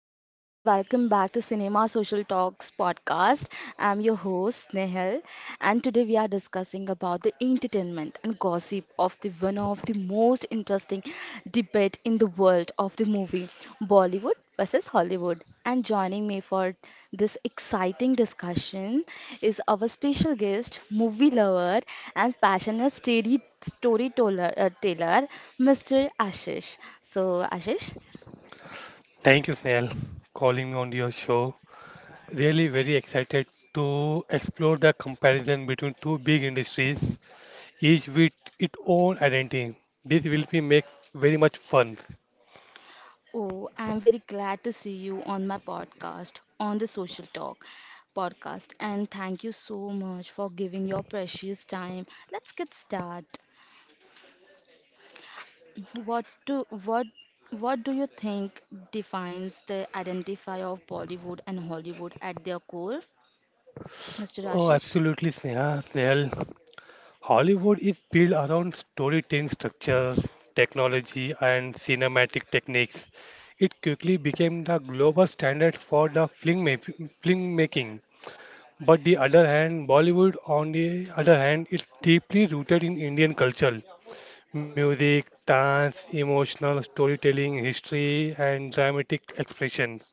guys, and welcome back to Cinema Social Talks podcast. I'm your host Nehal, and today we are discussing about the entertainment and gossip of the one of the most interesting debate in the world of the movie Bollywood versus Hollywood. And joining me for this exciting discussion is our special guest, movie lover and passionate storyteller, Mr. Ashish. So, Ashish, Thank you, Snail, calling me on your show. Really very excited to explore the comparison between two big industries, each with its own identity. This will be make very much fun. oh, I'm very glad to see you on my podcast, on the Social Talk podcast. And thank you so much for giving your precious time. Let's get started. What do what what do you think defines the identity of Bollywood and Hollywood at their core, Mr. Oh, Ashish? absolutely, Sneha, Snail. Hollywood is built around storytelling structure, technology, and cinematic techniques. It quickly became the global standard for the film making. But the other hand, Bollywood, on the other hand, is deeply rooted in Indian culture. Music, dance, emotional storytelling, history, and dramatic expressions.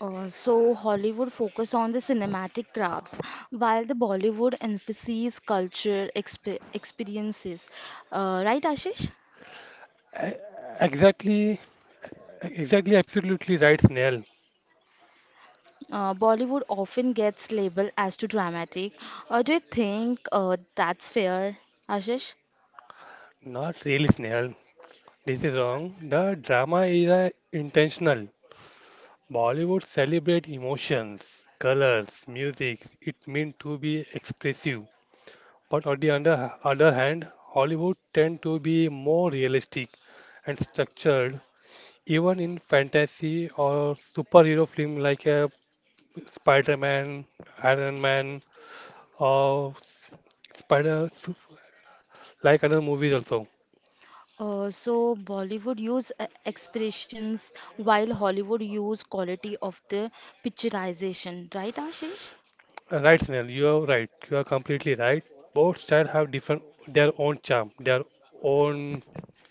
So Hollywood focus on the cinematic crafts, while the Bollywood emphasizes culture experiences. Right, Ashish? E- Exactly, exactly, absolutely right, Snail. Bollywood often gets labeled as too dramatic. Do you think that's fair, Ashish? Not really, Snail. This is wrong. The drama is intentional. Bollywood celebrate emotions, colors, music. It meant to be expressive. But on the other hand, Hollywood tend to be more realistic and structured, even in fantasy or superhero film like Spider-Man, Iron Man, or Spider like other movies also. So Bollywood use expressions while Hollywood use quality of the picturization, right, Ashish? Right, Snell, you are right. You are completely right. Both styles have different their own charm, their own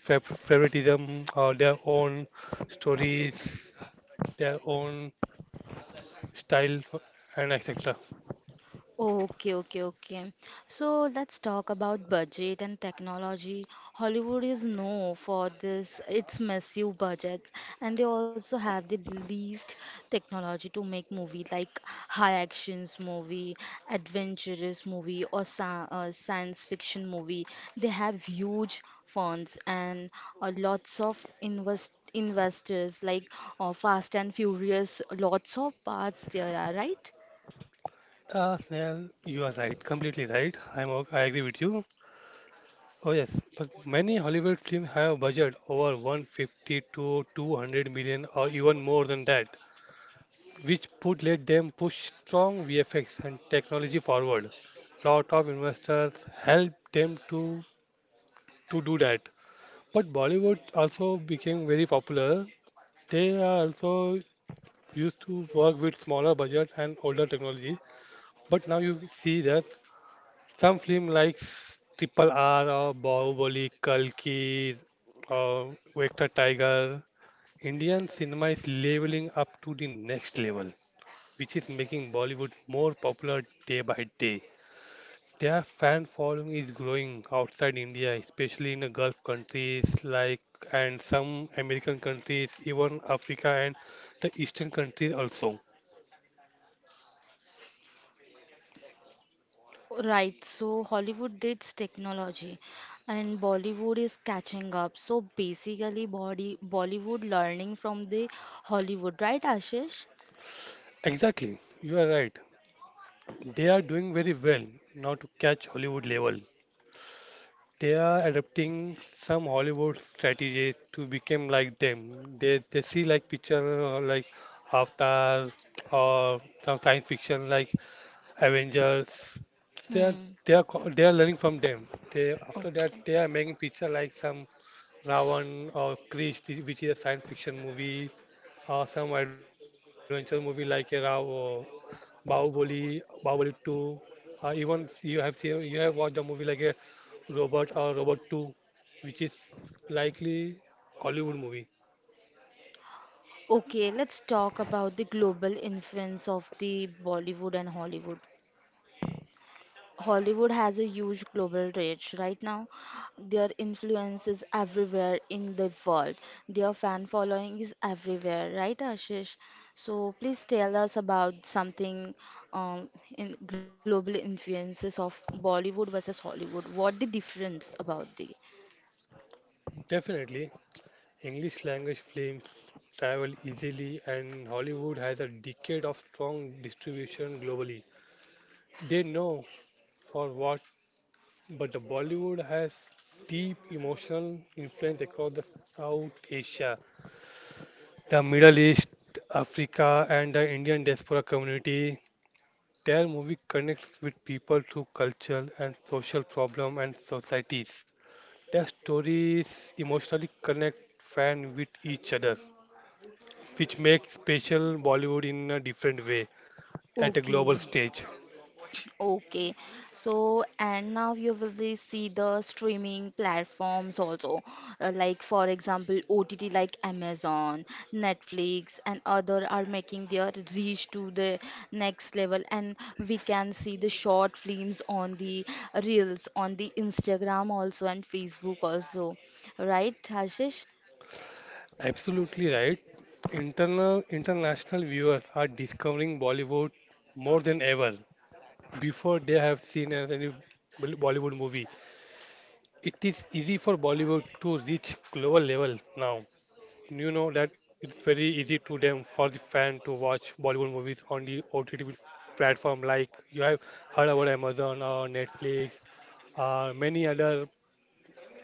favoritism, or their own stories, their own style, and etc. Okay, okay, okay. So let's talk about budget and technology. Hollywood is known for this, its massive budgets, and they also have the least technology to make movie like high actions movie, adventurous movie, or sa science fiction movie. They have huge funds and lots of investors like Fast and Furious. Lots of parts there are, right? Snell, you are right, completely right. I agree with you. Oh yes, but many Hollywood films have a budget over 150 to 200 million or even more than that, which would let them push strong VFX and technology forward. Lot of investors help them to do that. But Bollywood also became very popular. They are also used to work with smaller budget and older technology. But now you see that some film like Triple R or Bahubali, Kalki or Vector Tiger. Indian cinema is leveling up to the next level, which is making Bollywood more popular day by day. Their fan following is growing outside India, especially in the Gulf countries like and some American countries, even Africa and the Eastern countries also. Right, so Hollywood dates technology and Bollywood is catching up. So basically, Bollywood learning from the Hollywood, right, Ashish? Exactly, you are right. They are doing very well now to catch Hollywood level. They are adopting some Hollywood strategies to become like them. They see like picture like Avatar or some science fiction like Avengers. They are Hmm. They are learning from them. They after that Okay. they are making picture like some Ravan or Krish, which is a science fiction movie, or some adventure movie like a Rav or Bahubali, Bahubali 2. Even you have watched a movie like a Robot or Robot 2, which is likely Hollywood movie. Okay, let's talk about the global influence of the Bollywood and Hollywood. Hollywood has a huge global reach right now. Their influence is everywhere in the world. Their fan following is everywhere, right, Ashish? So please tell us about something um, in global influences of Bollywood versus Hollywood. What the difference about the? Definitely. English language films travel easily, and Hollywood has a decade of strong distribution globally. They know for what, but the Bollywood has deep emotional influence across the South Asia, the Middle East, Africa, and the Indian diaspora community. Their movie connects with people through culture and social problem and societies. Their stories emotionally connect fans with each other, which makes special Bollywood in a different way at a Okay. global stage. Okay, so and now you will be see the streaming platforms also, like for example, OTT like Amazon, Netflix, and other are making their reach to the next level, and we can see the short films on the reels on the Instagram also and Facebook also, right, Hashish? Absolutely right. Internal International viewers are discovering Bollywood more than ever before they have seen any Bollywood movie. It is easy for Bollywood to reach global level now. You know that it's very easy to them for the fan to watch Bollywood movies on the OTT platform like you have heard about Amazon or Netflix, many other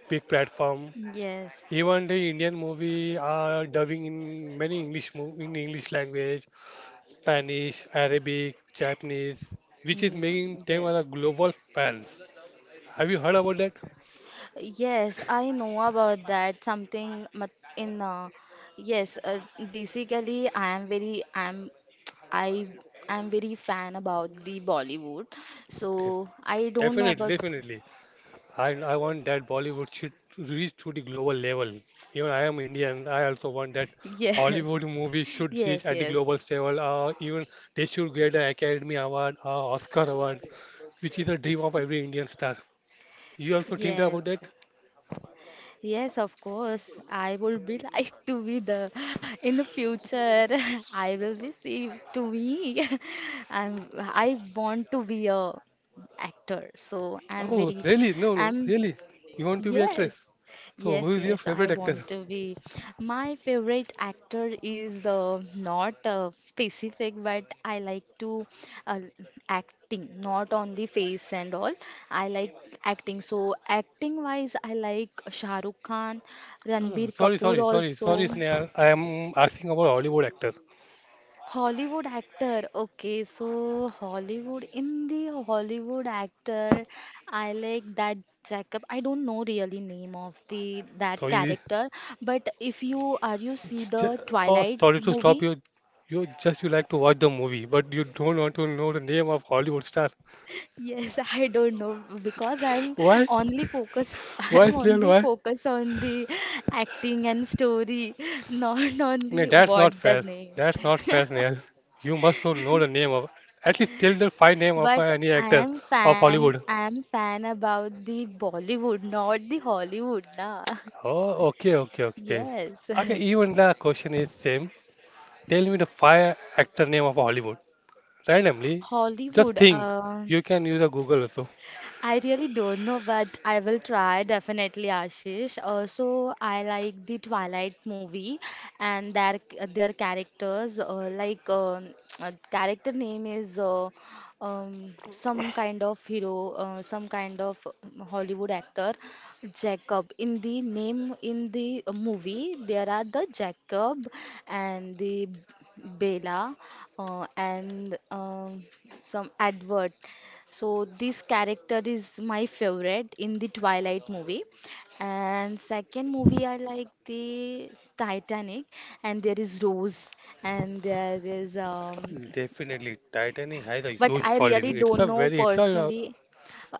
big platform. Yes. Even the Indian movie are dubbing in many English mo in English language, Spanish, Arabic, Japanese, which is Mm, making them as a yes. global fans. Have you heard about that? Yes, I know about that. Something mat- in yes, basically I am very fan about the Bollywood. Def So I don't know definitely, about definitely. I want that Bollywood should reach to the global level. Even I am Indian. I also want that Hollywood yes. movie should reach Yes, at the yes. global level. Even they should get an Academy Award, Oscar Award, which is a dream of every Indian star. You also think about Yes. that? Yes, of course. I would be like to be the in the future. I will be see to me. I want to be a actor. So I'm Oh, very really? No, no, I'm really. You want to be actress? Yes, So, who yes, is your yes, I favorite actor? want to be. My favorite actor is not specific, but I like to uh, acting, not only face and all. I like acting. So acting wise, I like Shah Rukh Khan, No, no, no. Ranbir Sorry, Kapoor sorry, sorry, sorry, also. Sneha. I am asking about Hollywood actor. Hollywood actor. Okay, so Hollywood in the Hollywood actor, I like that Jacob. I don't know really name of the So that you, character, but if you see j- the oh, Twilight sorry to stop movie? you. You just you like to watch the movie, but you don't want to know the name of Hollywood star. Yes, I don't know because I'm Why? only focus Why, I'm Snail? only Why? focus on the acting and story, not on No, the that's not what the fair. name. That's not fair, Snail. You must so know the name of at least tell the fine name of But any actor of Hollywood. I am fan about the Bollywood, not the Hollywood, na. Oh, okay, okay, okay. Yes. Okay, even the question is same. Tell me the five actor name of Hollywood. Randomly, just Hollywood, think. uh, You can use a Google also. I really don't know, but I will try definitely, Ashish. Also, I like the Twilight movie and their characters. Like character name is some kind of hero, some kind of Hollywood actor, Jacob. In the movie, there are the Jacob and the Bella and some Edward. So this character is my favorite in the Twilight movie. And second movie I like the Titanic and there is Rose and there is Definitely, Titanic has a but huge I really following. It's don't a know very, it's a uh, personally.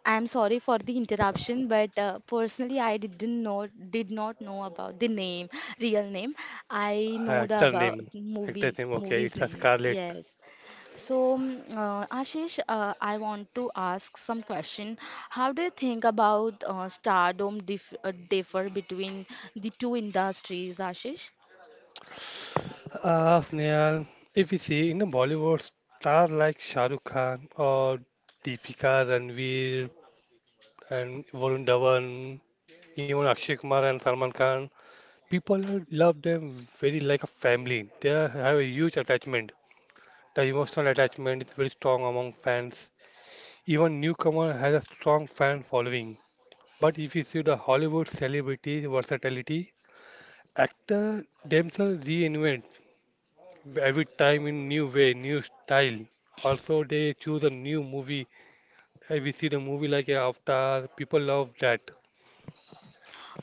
I'm sorry for the interruption, but personally, I didn't know, did not know about the name, real name. I know the actor about name, actress name. Okay, movie's it's a name. Scarlett. Yes. So, Ashish, I want to ask some question. How do you think about stardom differ between the two industries, Ashish? Ah, Snehal. If you see in the Bollywood, stars like Shah Rukh Khan or Deepika Ranveer and Varun Dhawan, even Akshay Kumar and Salman Khan, people love them very like a family. They have a huge attachment. The emotional attachment is very strong among fans. Even newcomer has a strong fan following. But if you see the Hollywood celebrity versatility, actor themselves reinvent every time in new way, new style. Also, they choose a new movie. We see the movie like Avatar. People love that.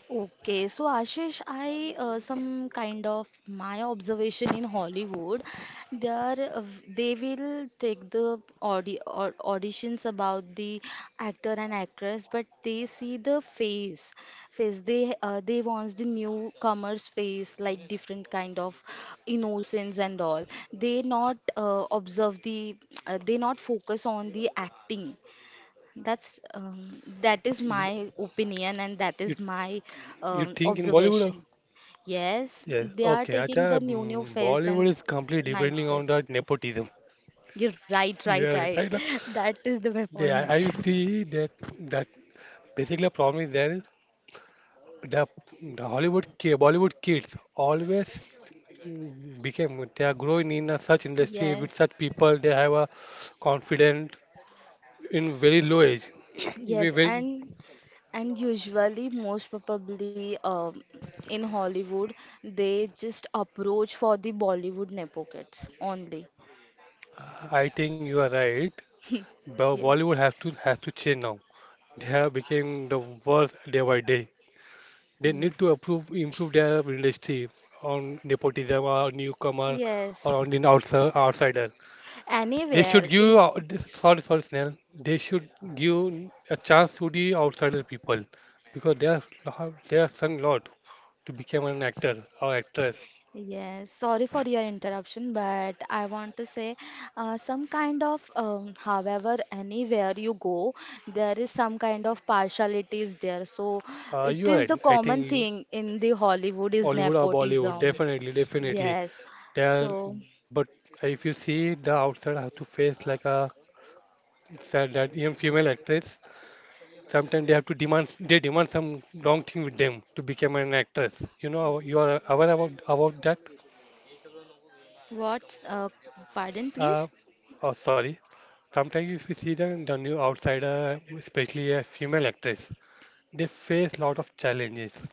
Okay, so Ashish, I some kind of my observation in Hollywood, they will take the auditions about the actor and actress, but they see face they wants the newcomer's face like different kind of innocence and all. They not uh, observe the they not focus on the acting that is You my opinion and that you, is my you think in Bollywood, uh? observation. Yes, Yes. they are Okay. taking the Acha, new face Bollywood and is completely nice depending on face. that nepotism. You're right, right, Yeah, right. right, right. That is the my point. I, I see that that basically, the problem is there is the, the Bollywood kids always became they are growing in a such industry with Yes, such people. They have a confident in very low age. We yes, very, and usually most probably in Hollywood they just approach for the Bollywood nepo kids only. I think you are right. Yes. Bollywood has to change now. They have become the worse day by day. They Mm. need to improve their industry on nepotism or newcomer or Yes. on the outsider. They should Anywhere is sorry, sorry, Snell. They should give a chance to the outsider people because they have sung a lot to become an actor or actress. yes, sorry for your interruption, but I want to say some kind of, however, anywhere you go, there is some kind of partiality is there. So it You are is the right. Common thing in the Hollywood is Hollywood or Bollywood, nepotism. definitely, definitely. Yes. They are, So, but if you see the outsider have to face like a said that even female actress, sometimes they demand some wrong thing with them to become an actress. You know, you are aware about that. what? Pardon, Uh, please? oh, sorry. Sometimes we see the new outsider, especially a female actress, they face a lot of challenges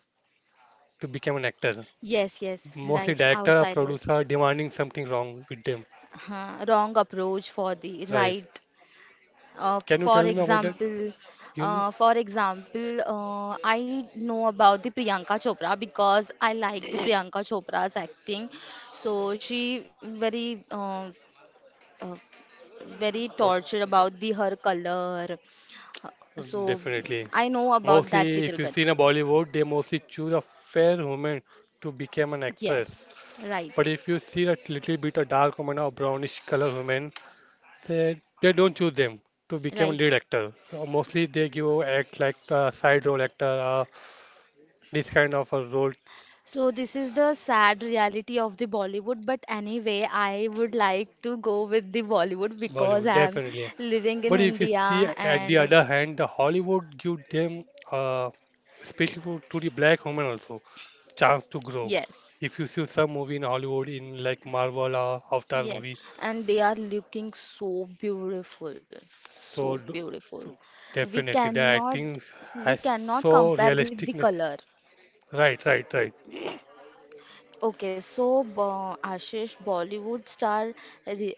to become an actor. Yes, yes, right, Mostly director or outsiders. producer demanding something wrong with them. Huh, wrong approach for the Right. right. Can you For tell me about that? example, You know? I know about the Priyanka Chopra because I like the Priyanka Chopra's acting. So she uh, very What? tortured about the her color. So Definitely. I know about that Mostly if little you bit. see in a Bollywood, they mostly choose a fair woman to become an actress. Yes, But right, if you see a little bit of dark woman or brownish color woman, they don't choose them to become right. lead actor. Mostly they give act like side role actor, this kind of a role. So this is the sad reality of the Bollywood, but anyway, I would like to go with the Bollywood because Bollywood I'm definitely. living in But if you see India at the and other hand, the Hollywood give them, uh, especially for, to the black women also, chance to grow. yes, If you see some movie in Hollywood in like Marvel or Avatar yes, movie, and they are looking so beautiful, so so, d- beautiful. so We definitely the cannot acting we has cannot so compare with the realisticness. color. Right, right, right. Okay, so Ashish, Bollywood star re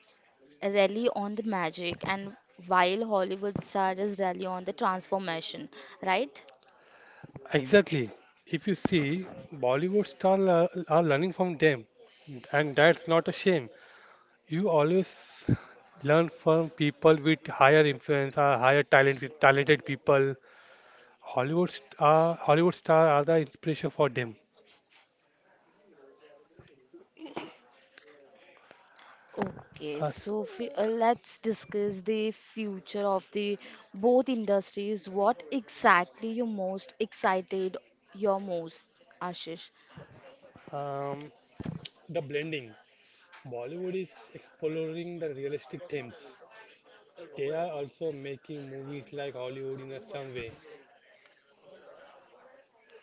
rally on the magic and while Hollywood stars rally on the transformation, right? Exactly. If you see, Bollywood stars are learning from them, and that's not a shame. You always learn from people with higher influence or higher talent with talented people. Hollywood star are the inspiration for them. Okay, Us, so let's discuss the future of the both industries. What exactly your most, Ashish? um, the blending. Bollywood is exploring the realistic themes. They are also making movies like Hollywood in a some way.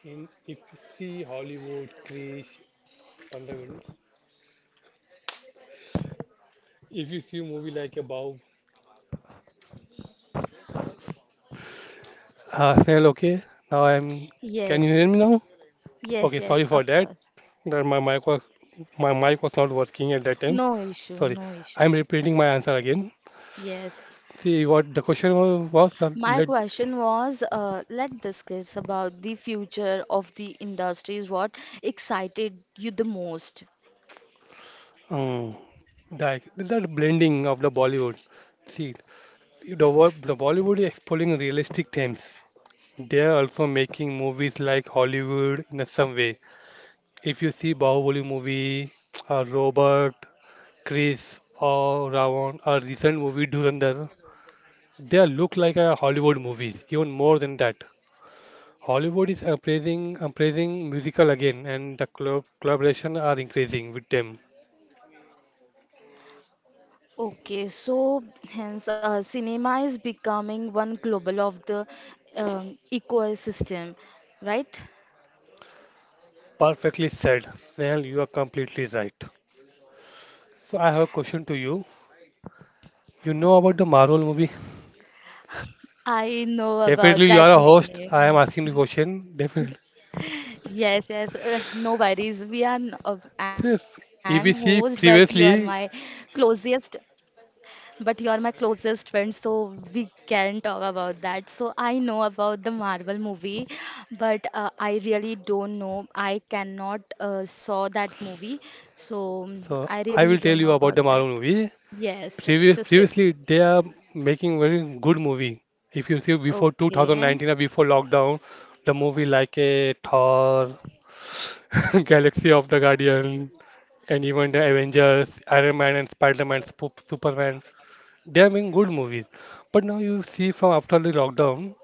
In if you see Hollywood, Krish, Pandavin, if you see a movie like above. Snell, okay. Now I'm. Can you Yes, hear me now? Okay, yes, sorry yes, for of that. course. That my mic was my mic was not working at that time. No issue, Sorry. no issue. I'm repeating my answer again. Yes. See what the question was, that My let question was, let's discuss about the future of the industries. What excited you the most? um, that blending of the Bollywood. See the Bollywood is exploring realistic themes. They are also making movies like Hollywood in a some way. If you see Bahubali movie, Robot, Chris or around a recent movie Dhurandhar. They look like a Hollywood movies, even more than that. Hollywood is appraising musical again, and the collaboration are increasing with them. Okay, so hence cinema is becoming one global of the ecosystem, right? Perfectly said. Nehal, you are completely right. So I have a question to you. You know about the Marvel movie? I know Definitely, about you that are a host. I am name. asking the question. Definitely. Yes, yes, no worries. I'm host, Yes, but you are my EBC previously. closest but you are my closest friend, so we can talk about that. So I know about the Marvel movie, but I really don't know. I cannot saw that movie, so I So I really will tell don't you know about the about Marvel that. movie. Yes, just it. Previously, they are making very good movie. If you see before Okay. 2019 or before lockdown, the movie like a Thor, Galaxy of the Guardian, and even the Avengers, Iron Man and Spider-Man, Superman, they are making good movies. But now you see from after the lockdown,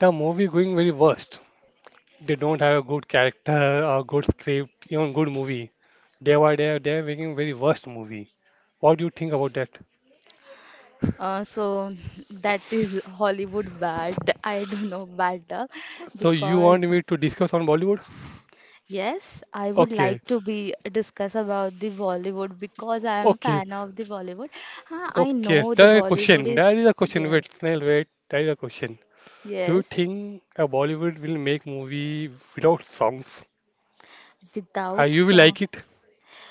the movie going very worst. They don't have a good character or good script, even good movie. Day by day, they are making very worst movie. What do you think about that? So that is Hollywood bad. I don't know bad So you want because me to discuss on Bollywood? yes, I would Okay, like to be discuss about the Bollywood because I am okay, fan of the Bollywood. Huh, I okay. know the There is a Bollywood question. is There is a question. Wait, yes, Snail, wait. There is a question. Do you yes, think a Bollywood will make movie without songs? Are without you will song. like it?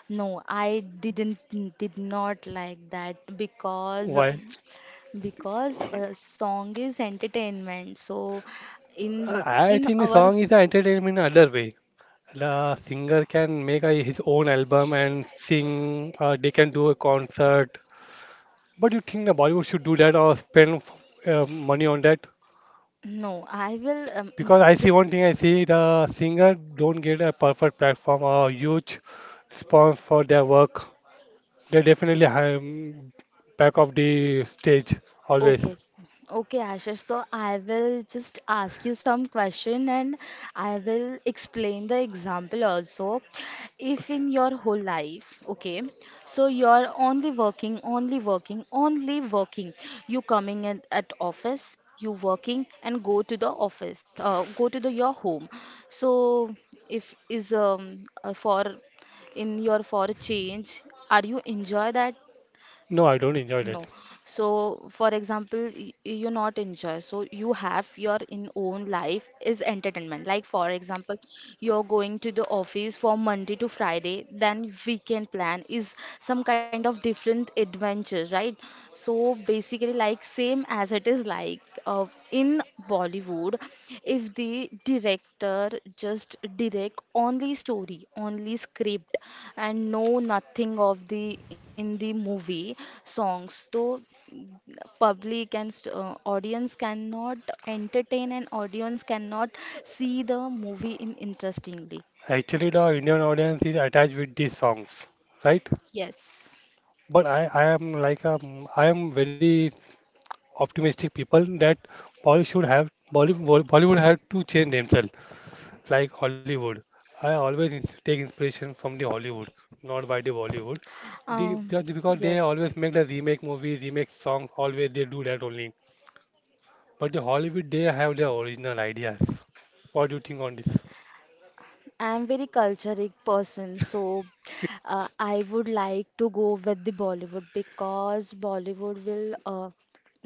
No, I didn't did not like that Why? Because a song is entertainment. So in I in think the our song is an entertainment in other way. The singer can make his own album and sing. They can do a concert. But you think the Bollywood should do that or spend money on that? no, I will Because I see the one thing, I see the singer don't get a perfect platform or huge response for their work. They definitely have back of the stage okay, always. Okay, Ashish. So I will just ask you some question and I will explain the example also. If Okay. in your whole life, okay, so you're only working. You coming in at office, you working and go to the office, go to the your home. So if is for in your for a change, are you enjoy that? No, I don't enjoy it. No. So, for example, you not enjoy. So, you have your in own life is entertainment. Like, for example, you're going to the office for Monday to Friday, then weekend plan is some kind of different adventure, right? So, basically, like same as it is like in Bollywood, if the director just direct only story, only script, and know nothing of the in the movie songs, so public and audience cannot entertain and audience cannot see the movie in interestingly. Actually, the Indian audience is attached with these songs, right? Yes. But I am like I am very optimistic people that Bollywood should have Bollywood have to change themselves, like Hollywood. I always take inspiration from the Hollywood, not by the Bollywood. Um, Because they yes, always make the remake movies, remake songs, always they do that only. But the Hollywood, they have their original ideas. What do you think on this? I'm very cultured person, so I would like to go with the Bollywood because Bollywood will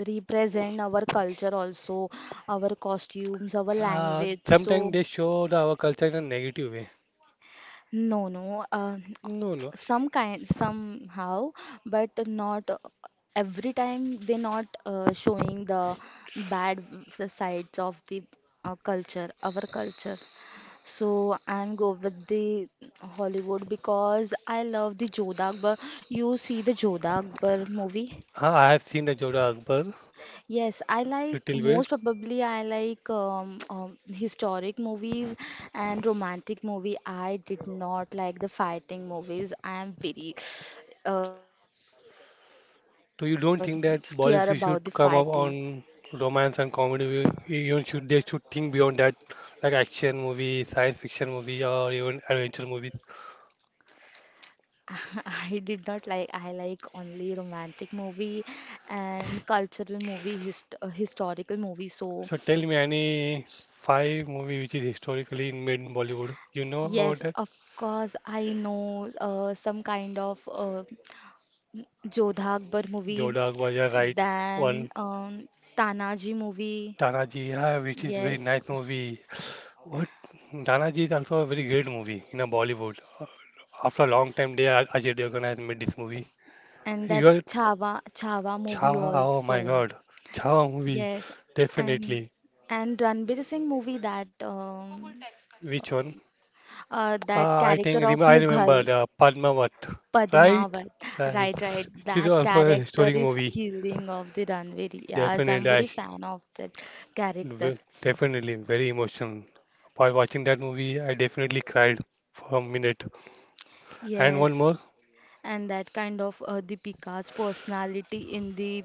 represent our culture also, our costumes, our language. Sometimes So they show our culture in a negative way. no, no. No, no. Some kind, somehow, but not every time. They're not showing the bad sides of the culture, our culture. So I'm go with the Hollywood because I love the Jodha Akbar. You see the Jodha Akbar movie? I have seen the Jodha Akbar Yes, I like little bit. most probably I like historic movies and romantic movie. I did not like the fighting movies. I am very uh, scared about the So you fighting. don't think that Bollywood should come up on romance and comedy? You should they should think beyond that, like action movie, science fiction movie, or even adventure movies. I did not like. I like only romantic movie and cultural movie, historical movie. So So tell me any five movie which is historically made in Bollywood. You know about yes, that? of course I know some kind of Jodha Akbar movie, Jodha Akbar, you're right. then One Tanaji movie, Tanaji, yeah, which is very yes, nice movie. What Tanaji is also a very great movie in a Bollywood. After a long time, they Ajay Devgan has made this movie. and that You are Chhawa movie Chava, oh my also, God. Chava movie, yes, and definitely. and Ranbir Singh movie that Which one? That I character think rem of I remember Mughal the Padmavat, right? Padmavat, Right. right, right, It is that also a character historic is movie. killing of the Ranveer. Yes, I'm Definitely, very fan of that character. Definitely very emotional. While watching that movie, I definitely cried for a minute. And one Yes, more, and that kind of Deepika's personality in the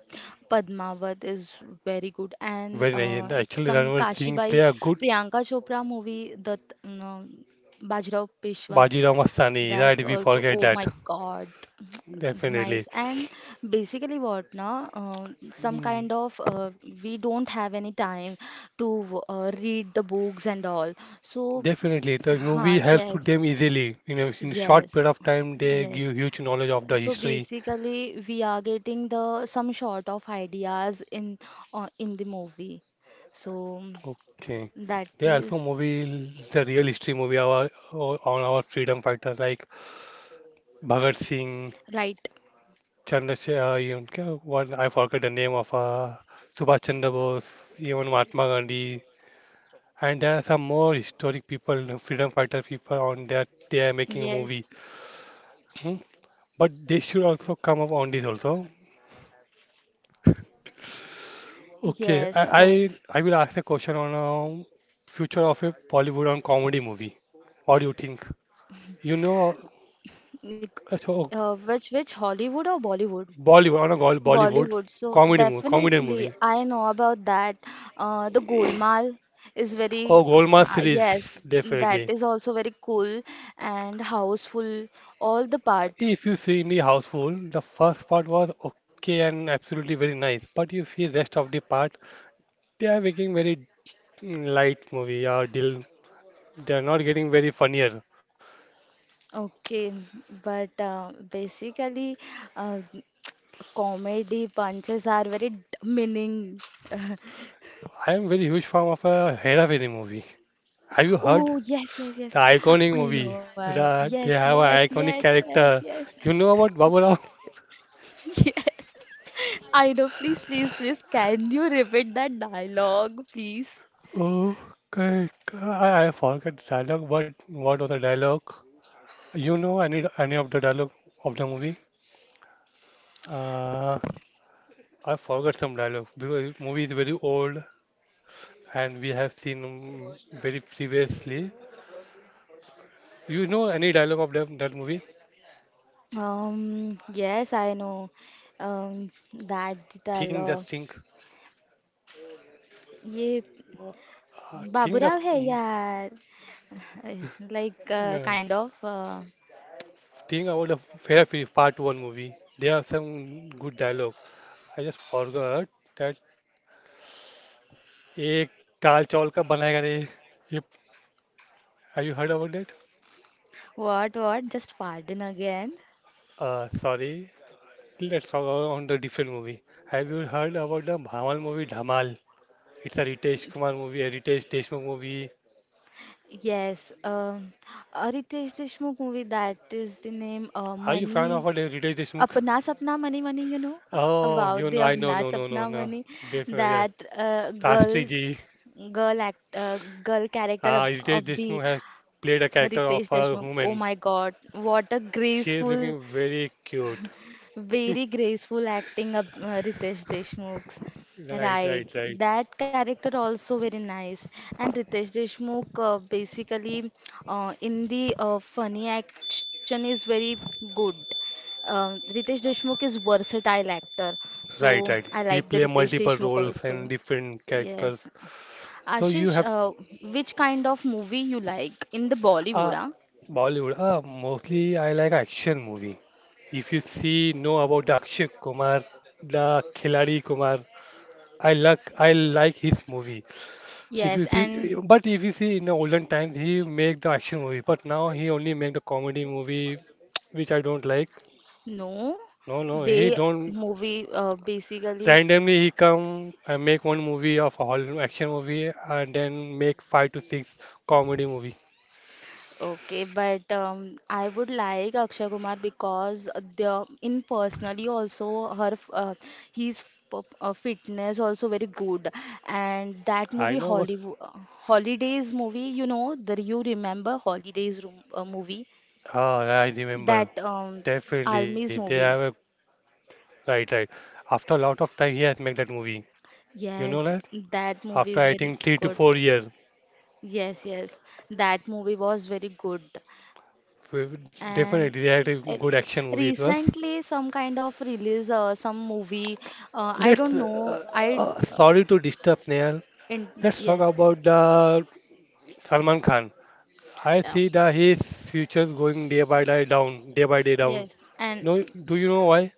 Padmavat is very good. And when I actually some Ranveer Singh play Kashibai a good Priyanka Chopra movie, that Bajrao Peshwa, Bajirao Mastani, right? that's We also forget oh that. my God. Definitely. Nice. And basically what now? Some Mm. kind of we don't have any time to read the books and all. So, Definitely, the movie helps to yes, them easily. You know, in a short yes, period of time, they give yes. huge knowledge of the So history. basically, we are getting the some sort of ideas in the movie. So Okay, that they also is movie the real history movie on our freedom fighters like Bhagat Singh, right. Chandrasekhar, even what I forget the name of Subhash Chandra Bose, even Mahatma Gandhi, and there are some more historic people, freedom fighter people on that they are making a Yes, movie. Hmm? But they should also come up on this also. Okay, yes. So, I will ask a question on future of a Bollywood on comedy movie. What do you think? You know, nik- so which Hollywood or Bollywood? Bollywood on a Bollywood Bollywood. So comedy movie, comedian definitely, movie I know about that. The Golmaal is very or Golmaal yes, series that definitely. is also very cool and houseful. All the parts. If you see in the houseful, the first part was okay and absolutely very nice, but you see rest of the part, they are making very light movie or deal. They are not getting very funnier. Okay, but basically, uh, comedy punches are very meaning. I am very huge fan of a Hera Fairy movie. Have you heard? Oh yes, yes, The yes. iconic I movie. know. Yes, They have yes, an yes, iconic yes, character. yes. You know about Baburao? Yes. I know. Please, please, please. Can you repeat that dialogue, please? Okay, I forgot the dialogue, but what was the dialogue? You know any of the dialogue of the movie? Uh, I forgot some dialogue because movie is very old and we have seen very previously. You know any dialogue of them, that movie? Yes, I know. That Think, dialogue. just think. ये Uh, think the Baburao f- है m- यार. Like no, kind of. Think about the Fair Free Part One movie. There are some good dialogue. I just forgot that ek dal chawal ka banayega nahi. You, have you heard about that? What, what? Just pardon again? Sorry. Let's talk about on the different movie. Have you heard about the Bhamal movie Dhamal? It's a Ritesh Kumar movie, a Ritesh Deshmukh movie. Yes, a Ritesh Deshmukh movie, that is the name, Are you fan of Money, Ritesh Deshmukh? Apna Sapna Money Money, you know, Oh, about you the know, I know, Apna no, no, no, Sapna no. Money, Definitely, yes. that girl, Tastri ji. girl act, uh, girl character Ritesh of the Deshmukh has played a character of Ritesh a Deshmukh. Oh woman. my God, what a She is looking graceful. very cute. Very graceful acting of Ritesh Deshmukh's. Right, right, Right, right. that character also very nice. And Ritesh Deshmukh basically in the funny action is very good. Ritesh Deshmukh is versatile actor, so Right, right. I like He the play Ritesh multiple Deshmukh roles also. and different characters. Yes, So you Ashish, have which kind of movie you like in the Bollywood? uh Huh? Bollywood. Mostly I like action movie. If you see know about the Akshay Kumar, the Khiladi Kumar, I like his movie. If Yes, you see, and but if you see in the olden times he make the action movie, but now he only make the comedy movie, which I don't like. no, No, no, he they don't. movie basically Randomly he come and make one movie of all action movie and then make five to six comedy movie. okay, but I would like Akshay Kumar because the in personally also his fitness also very good, and I that know movie what. Hollywood Holidays movie, you know the you remember Holidays room, movie, Ah, I remember. that Definitely, they Army's have a movie. right, right. After a lot of time, he has made that movie. You know Yes, that? that movie After is I very think three to good. four years, Yes, yes, that movie was very good. We- And definitely they had a uh, good action movie. It was. recently, some kind of release, some movie. I Let's. don't know. I Sorry to disturb, Neil. in, Let's talk yes, about the Salman Khan. I yeah, see that his future is going day by day down, day by day down. yes, and No, do you know why?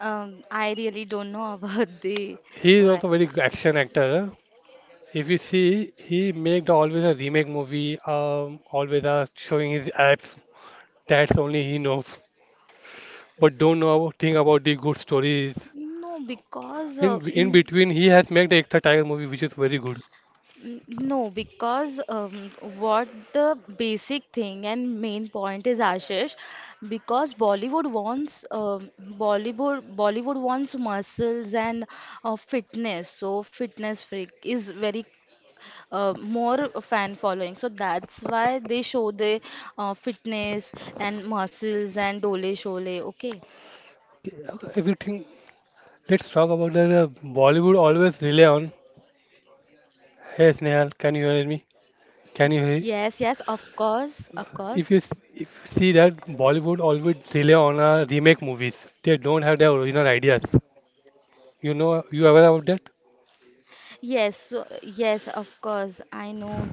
I really don't know about the He is why. also very good action actor. If you see, he made always a remake movie, always showing his abs. That's only he knows. But don't know thing about the good stories. No, because In in between, he has made the Ekta Tiger movie, which is very good. N- no, because what the basic thing and main point is, Ashish, because Bollywood wants um, Bollywood wants muscles and fitness. So fitness freak is very more fan following. So that's why they show the fitness and muscles and dole shole. Okay. Everything. Let's talk about the Bollywood always rely on. Hey Snehal, can you hear me? Can you Yes, hear? yes, of course, of course. If you if you see that Bollywood always rely on remake movies. They don't have their original ideas. You know, you aware about that? Yes, so, yes, of course. I know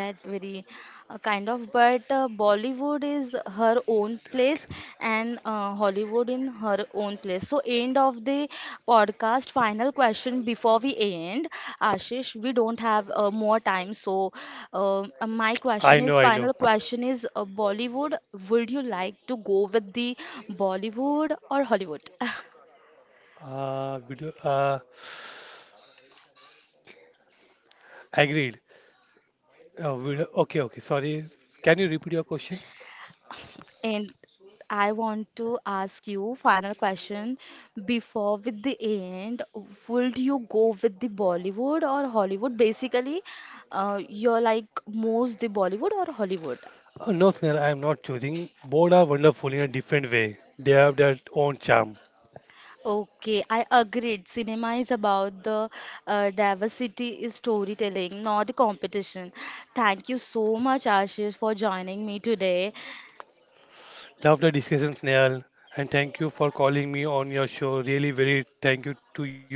that very kind of, but Bollywood is her own place and Hollywood in her own place. So, end of the podcast. Final question before we end, Ashish. We don't have more time, so my question I know, is I know. final question is Bollywood. Would you like to go with the Bollywood or Hollywood? Video. Agreed. Video. Okay, okay. Sorry. Can you repeat your question? And I want to ask you final question before with the end. Would you go with the Bollywood or Hollywood? Basically, you're like most the Bollywood or Hollywood. No, sir. I am not choosing. Both are wonderful in a different way. They have their own charm. Okay, I agreed. Cinema is about the diversity is storytelling, not the competition. Thank you so much, Ashish, for joining me today. Love the discussion, Snail. And thank you for calling me on your show. Really, very thank you to you.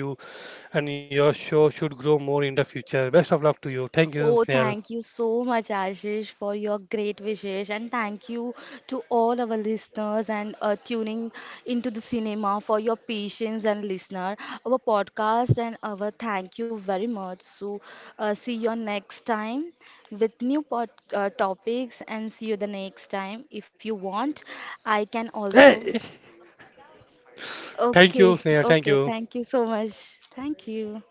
And your show should grow more in the future. Best of luck to you. Thank you, Oh, Snail. thank you so much, Ashish, for your great wishes, and thank you to all our listeners and tuning into the cinema for your patience and listener, our podcast, and our thank you very much. So, see you next time with new pod, topics, and see you the next time if you want. I can also. Hey! Thank you, Okay, Snail. Thank okay, you. thank you so much. Thank you.